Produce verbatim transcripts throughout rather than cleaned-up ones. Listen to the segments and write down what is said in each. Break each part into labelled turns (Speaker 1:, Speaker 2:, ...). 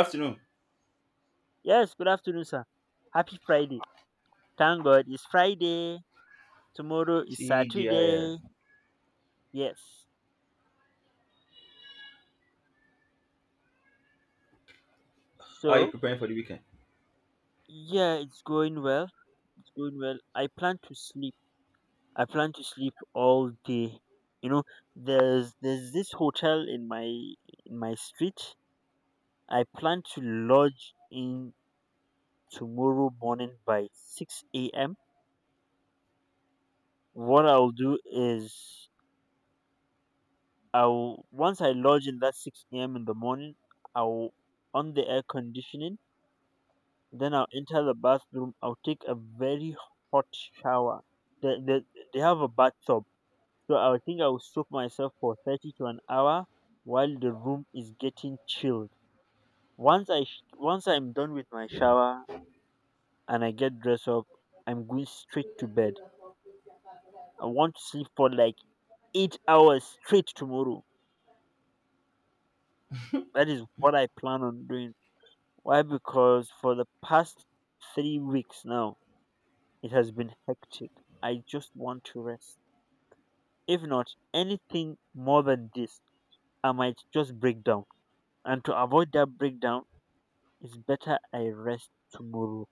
Speaker 1: Afternoon,
Speaker 2: Yes, good afternoon, sir. Happy Friday. Thank God it's Friday. Tomorrow is
Speaker 1: T G I L.
Speaker 2: Saturday. Yes.
Speaker 1: How are you
Speaker 2: So,
Speaker 1: preparing for the weekend?
Speaker 2: yeah, it's going well. It's going well. I plan to sleep. I plan to sleep all day. You know, there's there's this hotel in my in my street. I plan to lodge in tomorrow morning by six a m. What I'll do is I'll once I lodge in that six A M in the morning, I'll on the air conditioning, then I'll enter the bathroom, I'll take a very hot shower. They, they, they have a bathtub. So I think I will soak myself for thirty to an hour while the room is getting chilled. Once I sh- once I'm done with my shower and I get dressed up, I'm going straight to bed. I want to sleep for like eight hours straight tomorrow. That is what I plan on doing. Why? Because for the past three weeks now, it has been hectic. I just want to rest. If not, anything more than this, I might just break down. And to avoid that breakdown, it's better I rest tomorrow.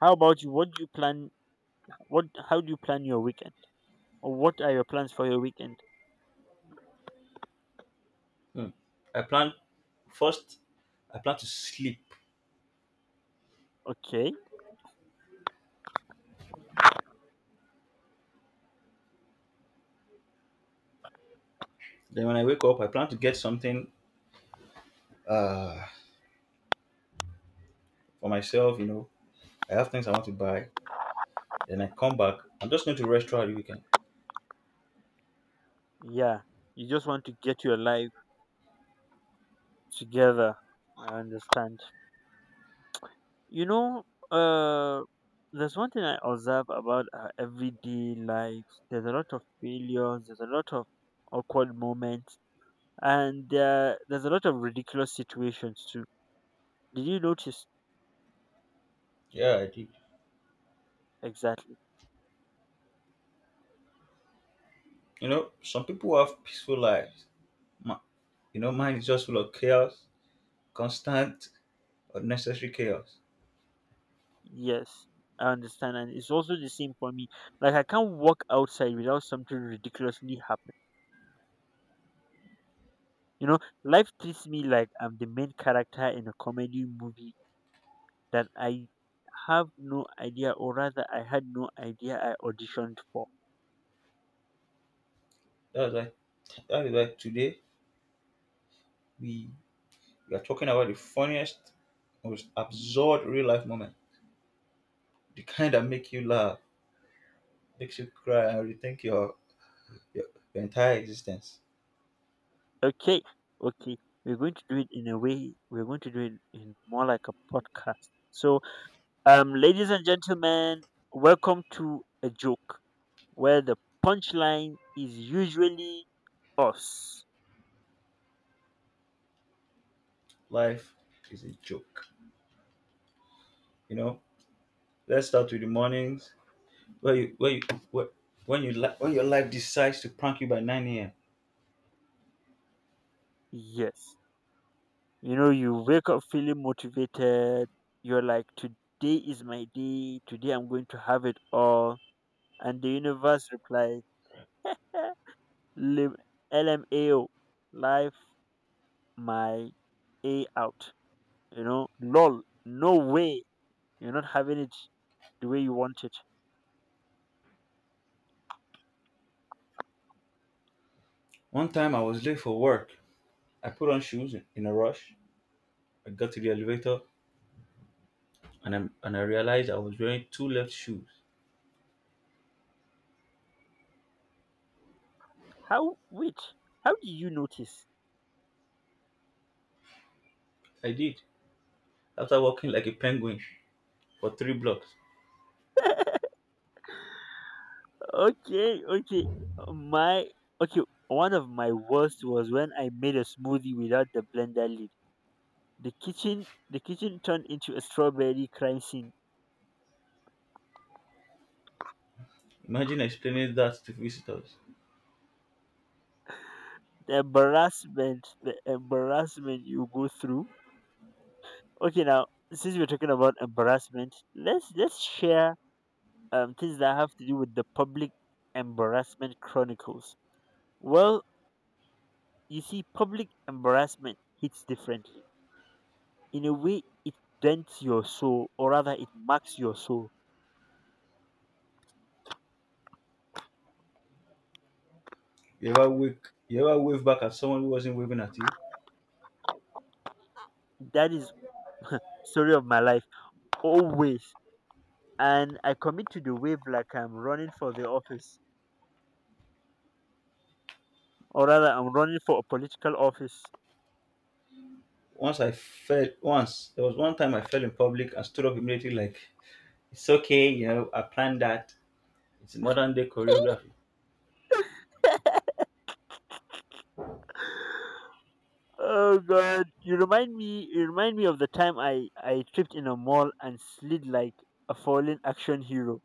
Speaker 2: How about you? What do you plan? What? How do you plan your weekend? Or what are your plans for your weekend?
Speaker 1: Hmm. I plan first. I plan to sleep.
Speaker 2: Okay,
Speaker 1: Then when I wake up, I plan to get something uh, for myself. You know, I have things I want to buy. Then I come back. I'm just going to rest throughout the weekend.
Speaker 2: yeah, you just want to get your life together. I understand. You know, uh, there's one thing I observe about our everyday life. There's a lot of failures. There's a lot of awkward moments, and uh, there's a lot of ridiculous situations too. Did you notice
Speaker 1: Yeah, I did.
Speaker 2: exactly?
Speaker 1: You know, some people have peaceful lives. Ma- you know, mine is just full of chaos, constant, unnecessary chaos.
Speaker 2: Yes, I understand, and it's also the same for me. Like I can't walk outside without something ridiculously happen. You know, life treats me like I'm the main character in a comedy movie that I have no idea, or rather, I had no idea I auditioned for.
Speaker 1: That's why. That is why today we we are talking about the funniest, most absurd real life moment. The kind that make you laugh, makes you cry, and rethink your, your your entire existence.
Speaker 2: Okay, okay, we're going to do it in a way. We're going to do it in more like a podcast. So, um, ladies and gentlemen, welcome to a joke where the punchline is usually us.
Speaker 1: Life is a joke, you know. Let's start with the mornings where you where you where, when you li- when your life decides to prank you by nine a m.
Speaker 2: Yes, you know, you wake up feeling motivated. You're like, today is my day. Today I'm going to have it all. And the universe replies, "Eh, Lim- L M A O, life my A out. You know, lol, no way. You're not having it the way you want it.
Speaker 1: One time I was late for work. I put on shoes in a rush. I got to the elevator and I and I realized I was wearing two left shoes.
Speaker 2: How, wait, how do you notice?
Speaker 1: I did, after walking like a penguin for three blocks.
Speaker 2: Okay, okay. My, okay, one of my worst was when I made a smoothie without the blender lid. The kitchen, the kitchen turned into a strawberry crime scene.
Speaker 1: Imagine explaining that to visitors.
Speaker 2: The embarrassment, the embarrassment you go through. Okay, now, since we're talking about embarrassment, let's let's share um, things that have to do with the public embarrassment chronicles. Well, you see, public embarrassment hits differently. In a way, it dents your soul, or rather, it marks your soul.
Speaker 1: You ever wake you ever wave back at someone who wasn't waving at you?
Speaker 2: That is story of my life always, and I commit to the wave like I'm running for the office, or rather, I'm running for a political office.
Speaker 1: Once I fell once there was one time I fell in public and stood up immediately like it's okay, you know, I planned that. It's modern day choreography.
Speaker 2: Oh God, you remind me. You remind me of the time I I tripped in a mall and slid like a fallen action hero.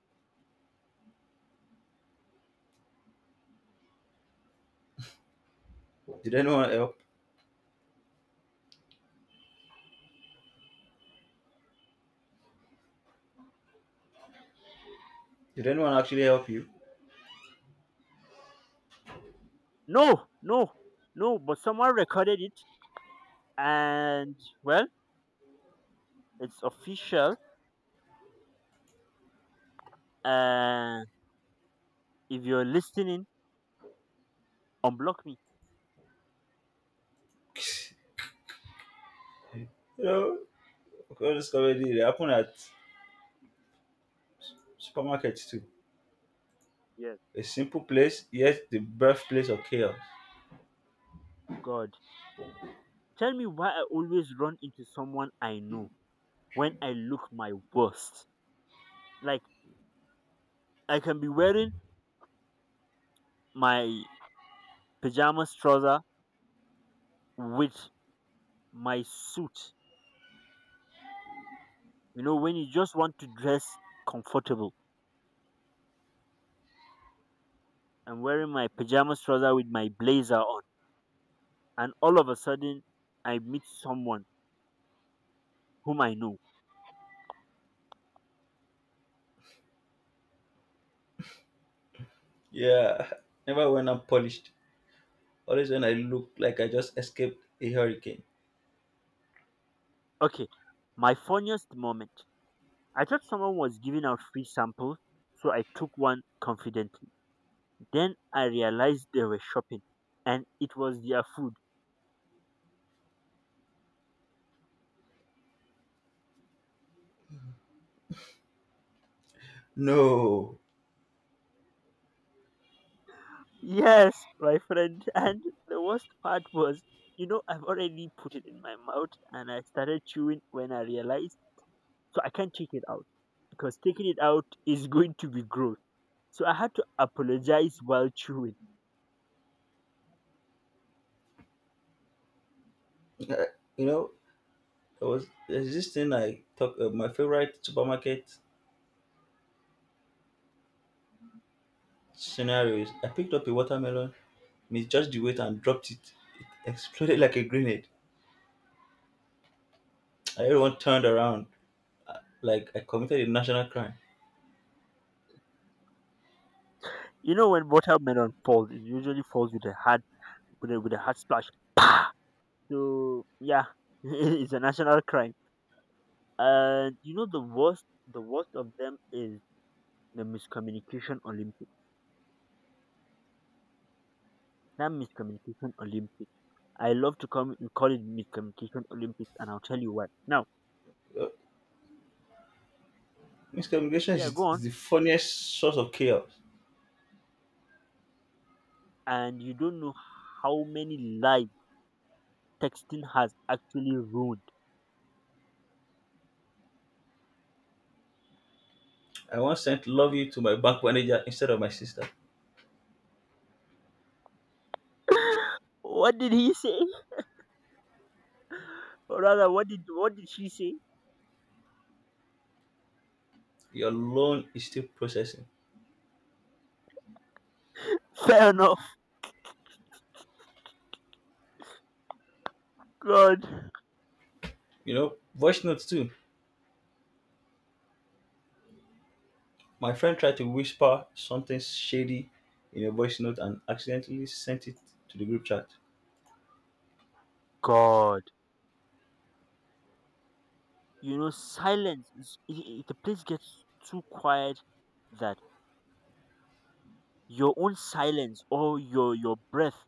Speaker 1: Did anyone help? Did anyone actually help you?
Speaker 2: No, no, no. But someone recorded it, and well, it's official. Uh, if you're listening, unblock me.
Speaker 1: You know, all this comedy they happen at supermarkets too.
Speaker 2: Yes,
Speaker 1: A simple place, yet the birthplace of chaos.
Speaker 2: God, tell me why I always run into someone I know when I look my worst. Like I can be wearing my pajamas trouser with my suit. You know, when you just want to dress comfortable, I'm wearing my pajamas trouser with my blazer on, and all of a sudden, I meet someone whom I know.
Speaker 1: Yeah. Never when I'm polished. Always when I look like I just escaped a hurricane.
Speaker 2: Okay, my funniest moment. I thought someone was giving out free samples, so I took one confidently. Then I realized they were shopping, and it was their food.
Speaker 1: No.
Speaker 2: Yes, my friend. And the worst part was, you know, I've already put it in my mouth, and I started chewing when I realized, so I can't take it out because taking it out is going to be gross. So I had to apologize while chewing.
Speaker 1: Uh, You know, there was there's this thing I talk uh, my favorite supermarket scenarios. I picked up a watermelon, misjudged the weight, and dropped it. It exploded like a grenade. And everyone turned around like I committed a national crime.
Speaker 2: You know, when watermelon falls, it usually falls with a hard with a, with a hard splash. So yeah, it's a national crime. And you know the worst, the worst of them is the miscommunication Olympics. That miscommunication Olympics. I love to come call it miscommunication Olympics, and I'll tell you why. Now,
Speaker 1: Uh, Miscommunication
Speaker 2: yeah, go
Speaker 1: is, is
Speaker 2: on.
Speaker 1: the funniest source of chaos.
Speaker 2: And you don't know how many lives texting has actually ruined.
Speaker 1: I once sent love you to my bank manager instead of my sister.
Speaker 2: What did he say? Or rather, what did what did she say?
Speaker 1: Your loan is still processing.
Speaker 2: Fair enough. God,
Speaker 1: You know, voice notes too. My friend tried to whisper something shady in a voice note and accidentally sent it to the group chat.
Speaker 2: God. You know, silence. Is, i- i- the place gets too quiet that your own silence or your your breath.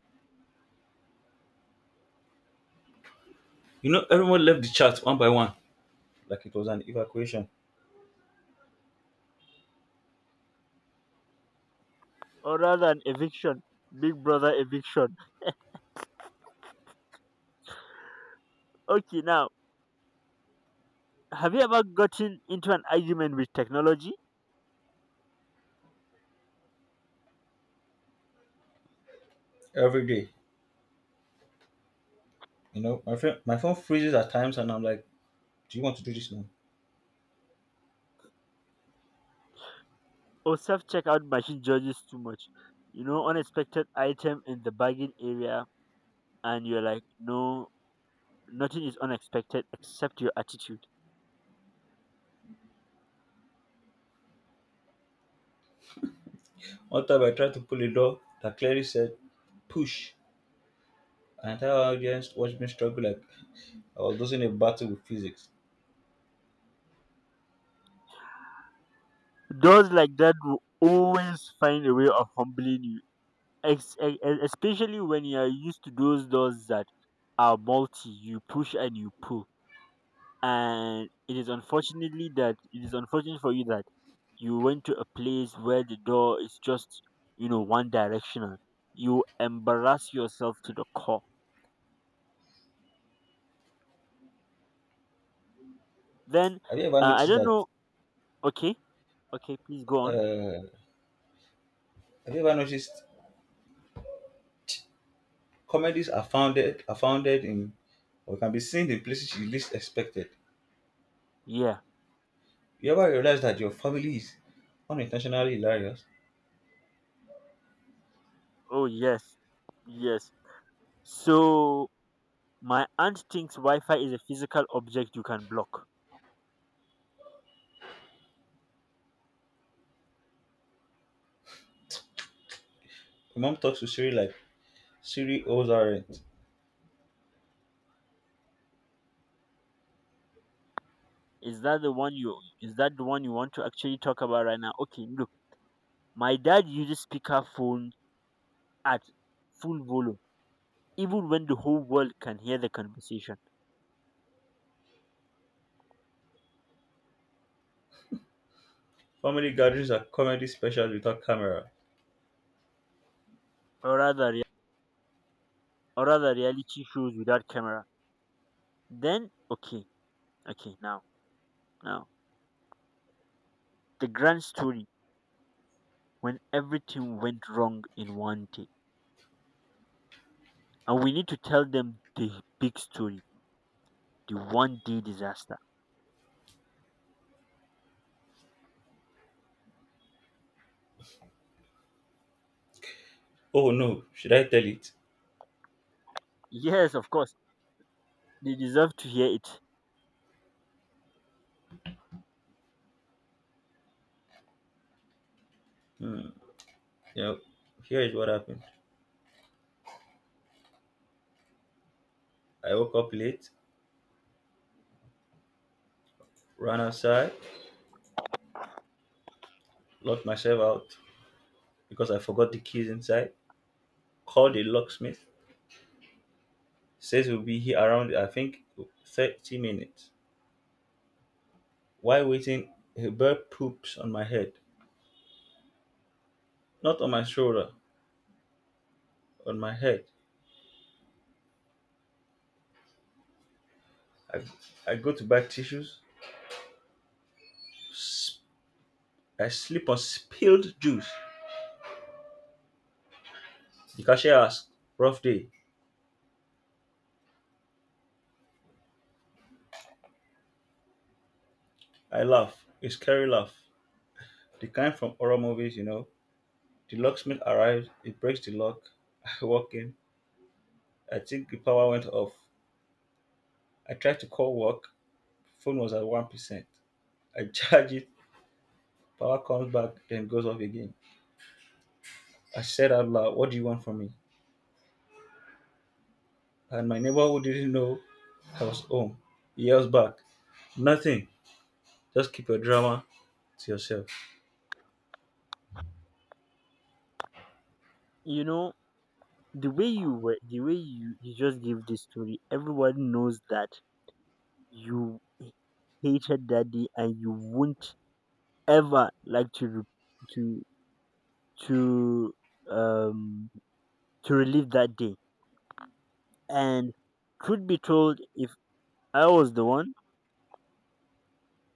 Speaker 1: You know, everyone left the chat one by one, like it was an evacuation
Speaker 2: Or rather an eviction, big brother eviction. Okay, now, have you ever gotten into an argument with technology?
Speaker 1: every day. You know, my friend, my phone freezes at times, and I'm like, "Do you want to do this now?"
Speaker 2: Or self-checkout machine judges too much. You know, unexpected item in the bargain area, and you're like, no, nothing is unexpected except your attitude.
Speaker 1: One time, I tried to pull a door that clearly said "push." An entire audience watched me struggle like I was losing a battle with physics.
Speaker 2: Those like that will always find a way of humbling you, ex- e- e- especially when you are used to those doors that are multi. You push and you pull, and it is unfortunately that it is unfortunate for you that you went to a place where the door is just, you know, one directional. You embarrass yourself to the core. Then
Speaker 1: Have you ever
Speaker 2: uh, I
Speaker 1: noticed
Speaker 2: don't
Speaker 1: that?
Speaker 2: know. Okay, okay, please go on.
Speaker 1: Uh, have you ever noticed comedies are founded are founded in or can be seen in places you least expected?
Speaker 2: Yeah.
Speaker 1: You ever realize that your family is unintentionally hilarious?
Speaker 2: Oh yes, yes, so my aunt thinks wi-fi is a physical object you can block.
Speaker 1: Your mom talks to Siri like Siri owes her rent.
Speaker 2: Is that the one you is that the one you want to actually talk about right now? Okay, look, my dad uses speakerphone at full volume even when the whole world can hear the conversation.
Speaker 1: Family gatherings are comedy specials without camera.
Speaker 2: Or rather rea- or rather reality shows without camera. Then, okay, okay, now now the grand story when everything went wrong in one day, and we need to tell them the big story, the one day disaster.
Speaker 1: Oh no, should I tell it?
Speaker 2: Yes, of course, they deserve to hear it.
Speaker 1: Hmm. Yep. Here is what happened. I woke up late, ran outside, locked myself out because I forgot the keys inside. Called the locksmith. Says we'll be here around I think thirty minutes. While waiting, a bird poops on my head. Not on my shoulder, on my head. I, I go to buy tissues. S- I slip on spilled juice. The cashier asks, "Rough day." I laugh. A scary laugh. The kind from horror movies, you know. The locksmith arrives, he breaks the lock. I walk in. I think the power went off. I tried to call work, phone was at one percent. I charge it, power comes back, then goes off again. I said out loud, what do you want from me? And my neighbor who didn't know I was home, he yells back, nothing, just keep your drama to yourself.
Speaker 2: You know, the way you were the way you you just give this story, everyone knows that you hated that day and you won't ever like to re- to to um to relive that day. And truth be told, if I was the one,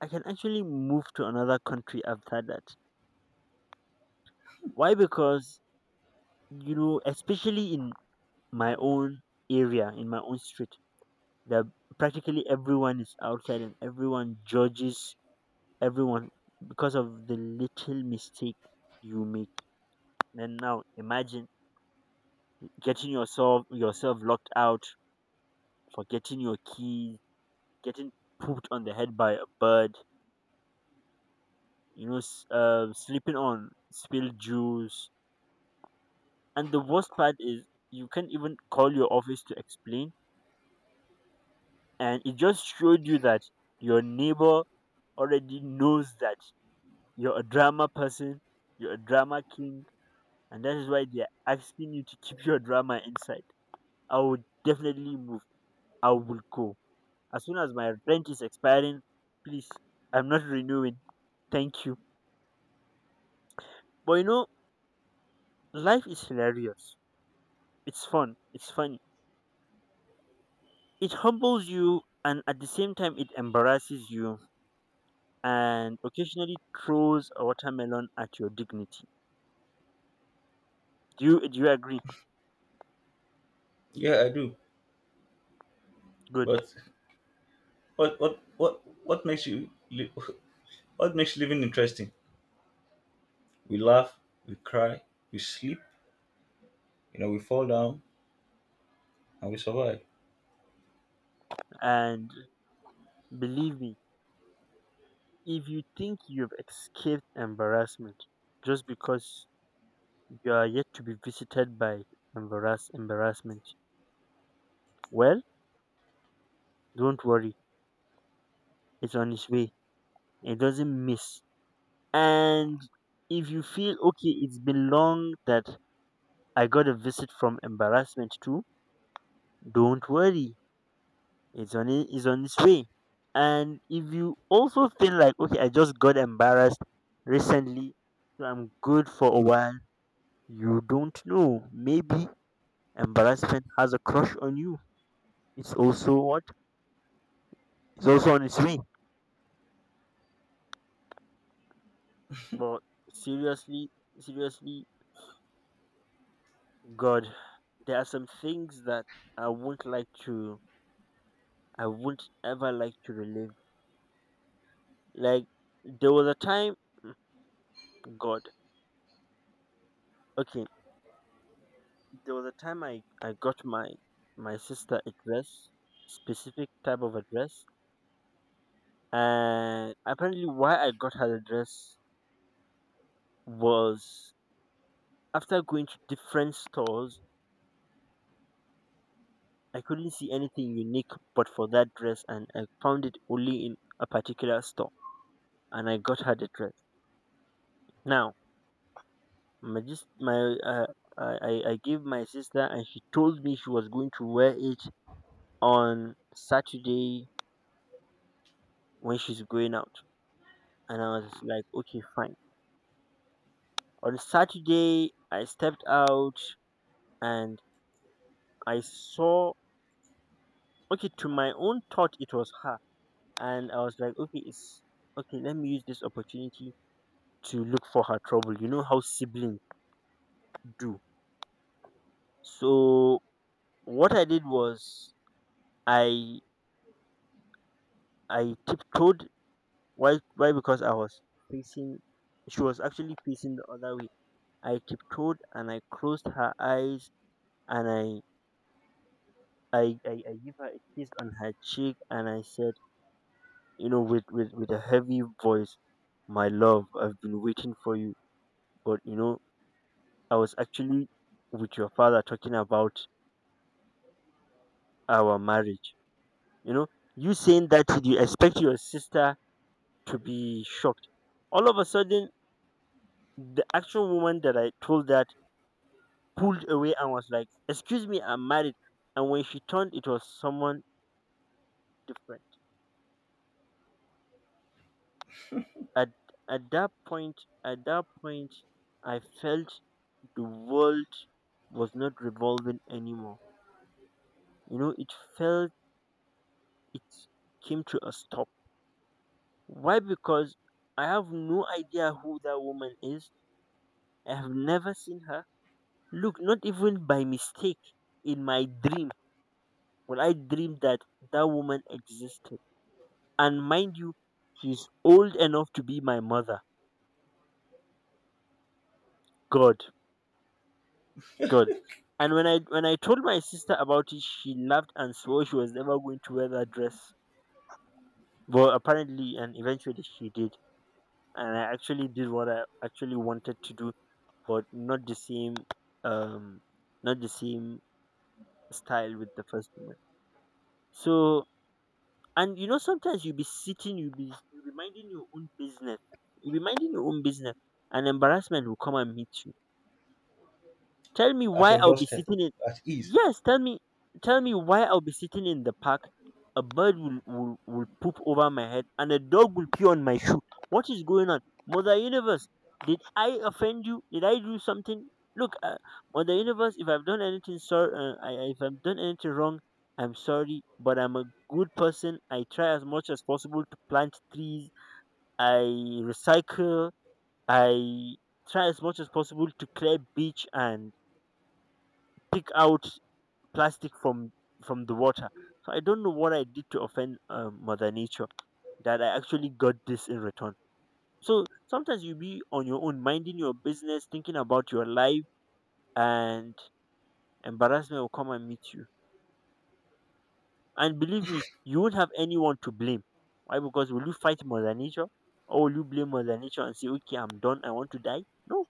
Speaker 2: I can actually move to another country after that. Why? Because you know, especially in my own area, in my own street, that practically everyone is outside and everyone judges everyone because of the little mistake you make. And now imagine getting yourself yourself locked out, forgetting your keys, getting pooped on the head by a bird, you know, s- uh, sleeping on spilled juice. And the worst part is you can't even call your office to explain. And it just showed you that your neighbor already knows that you're a drama person, you're a drama king, and that is why they're asking you to keep your drama inside. I would definitely move. I will go. As soon as my rent is expiring, please, I'm not renewing. Thank you. But you know, life is hilarious. It's fun. It's funny. It humbles you and at the same time it embarrasses you and occasionally throws a watermelon at your dignity. Do you do you agree?
Speaker 1: Yeah, I do.
Speaker 2: Good.
Speaker 1: But what what what what makes you li- what makes living interesting? We laugh, we cry, we sleep, you know, we fall down and we survive.
Speaker 2: And believe me, if you think you've escaped embarrassment just because you are yet to be visited by embarrass embarrassment, well, don't worry. It's on its way. It doesn't miss. And if you feel okay, it's been long that I got a visit from embarrassment too. Don't worry, it's on i- it's on its way. And if you also feel like okay, I just got embarrassed recently, so I'm good for a while. You don't know. Maybe embarrassment has a crush on you. It's also what? It's also on its way. But seriously, seriously, God, there are some things that I won't like to. I won't ever like to relive. Like there was a time, God. Okay, there was a time I I got my my sister a dress, specific type of a dress, and apparently why I got her the dress was after going to different stores, I couldn't see anything unique but for that dress, and I found it only in a particular store, and I got her the dress. Now, my just my uh, I I I gave my sister, and she told me she was going to wear it on Saturday when she's going out. And I was like, okay, fine. On Saturday, I stepped out and I saw, okay, to my own thought, it was her. And I was like, okay, it's okay, let me use this opportunity to look for her trouble. You know how siblings do. So what I did was I I tiptoed. Why why? Because I was facing she was actually facing the other way. I tiptoed and I closed her eyes and I I, I, I give her a kiss on her cheek and I said, you know, with, with, with a heavy voice, my love, I've been waiting for you. But, you know, I was actually with your father talking about our marriage. You know, you saying that, you expect your sister to be shocked? All of a sudden, the actual woman that I told that pulled away and was like, excuse me, I'm married. And when she turned, it was someone different. At, at that point, at that point, I felt the world was not revolving anymore. You know, it felt it came to a stop. Why? Because I have no idea who that woman is. I have never seen her. Look, not even by mistake in my dream when I dreamed that that woman existed. And mind you, she's old enough to be my mother. God, God. And when I when I told my sister about it, she laughed and swore she was never going to wear that dress. But apparently and eventually she did. And I actually did what I actually wanted to do, but not the same um not the same style with the first woman. So and you know sometimes you'll be sitting, you'll be you'll be minding your own business. You'll be minding your own business and embarrassment will come and meet you. Tell me
Speaker 1: At
Speaker 2: why
Speaker 1: your
Speaker 2: I'll be
Speaker 1: doorstep
Speaker 2: sitting in
Speaker 1: at ease,
Speaker 2: Yes, tell me, tell me why I'll be sitting in the park, a bird will, will, will poop over my head and a dog will pee on my shoe. What is going on? Mother Universe, did I offend you? Did I do something? Look, uh, Mother Universe, if I've done anything, sir, uh, I, I- if I've done anything wrong, I'm sorry, but I'm a good person. I try as much as possible to plant trees. I recycle. I try as much as possible to clear beach and pick out plastic from from the water. So I don't know what I did to offend um, Mother Nature that I actually got this in return. So sometimes you be on your own, minding your business, thinking about your life, and embarrassment will come and meet you. And believe me, you won't have anyone to blame. Why? Because will you fight Mother Nature, or will you blame Mother Nature and say, "Okay, I'm done. I want to die"? No.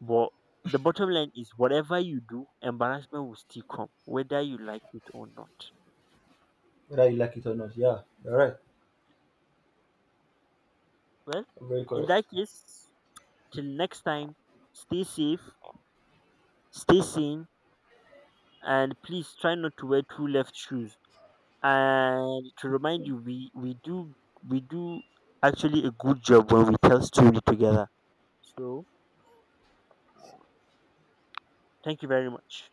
Speaker 2: But the bottom line is, whatever you do, embarrassment will still come, whether you like it or not.
Speaker 1: whether you like it or not. Yeah, you're right.
Speaker 2: Well,
Speaker 1: Very
Speaker 2: in
Speaker 1: correct.
Speaker 2: that case, till next time, stay safe, stay sane, and please try not to wear two left shoes. And to remind you, we we do we do actually a good job when we tell story together. So thank you very much.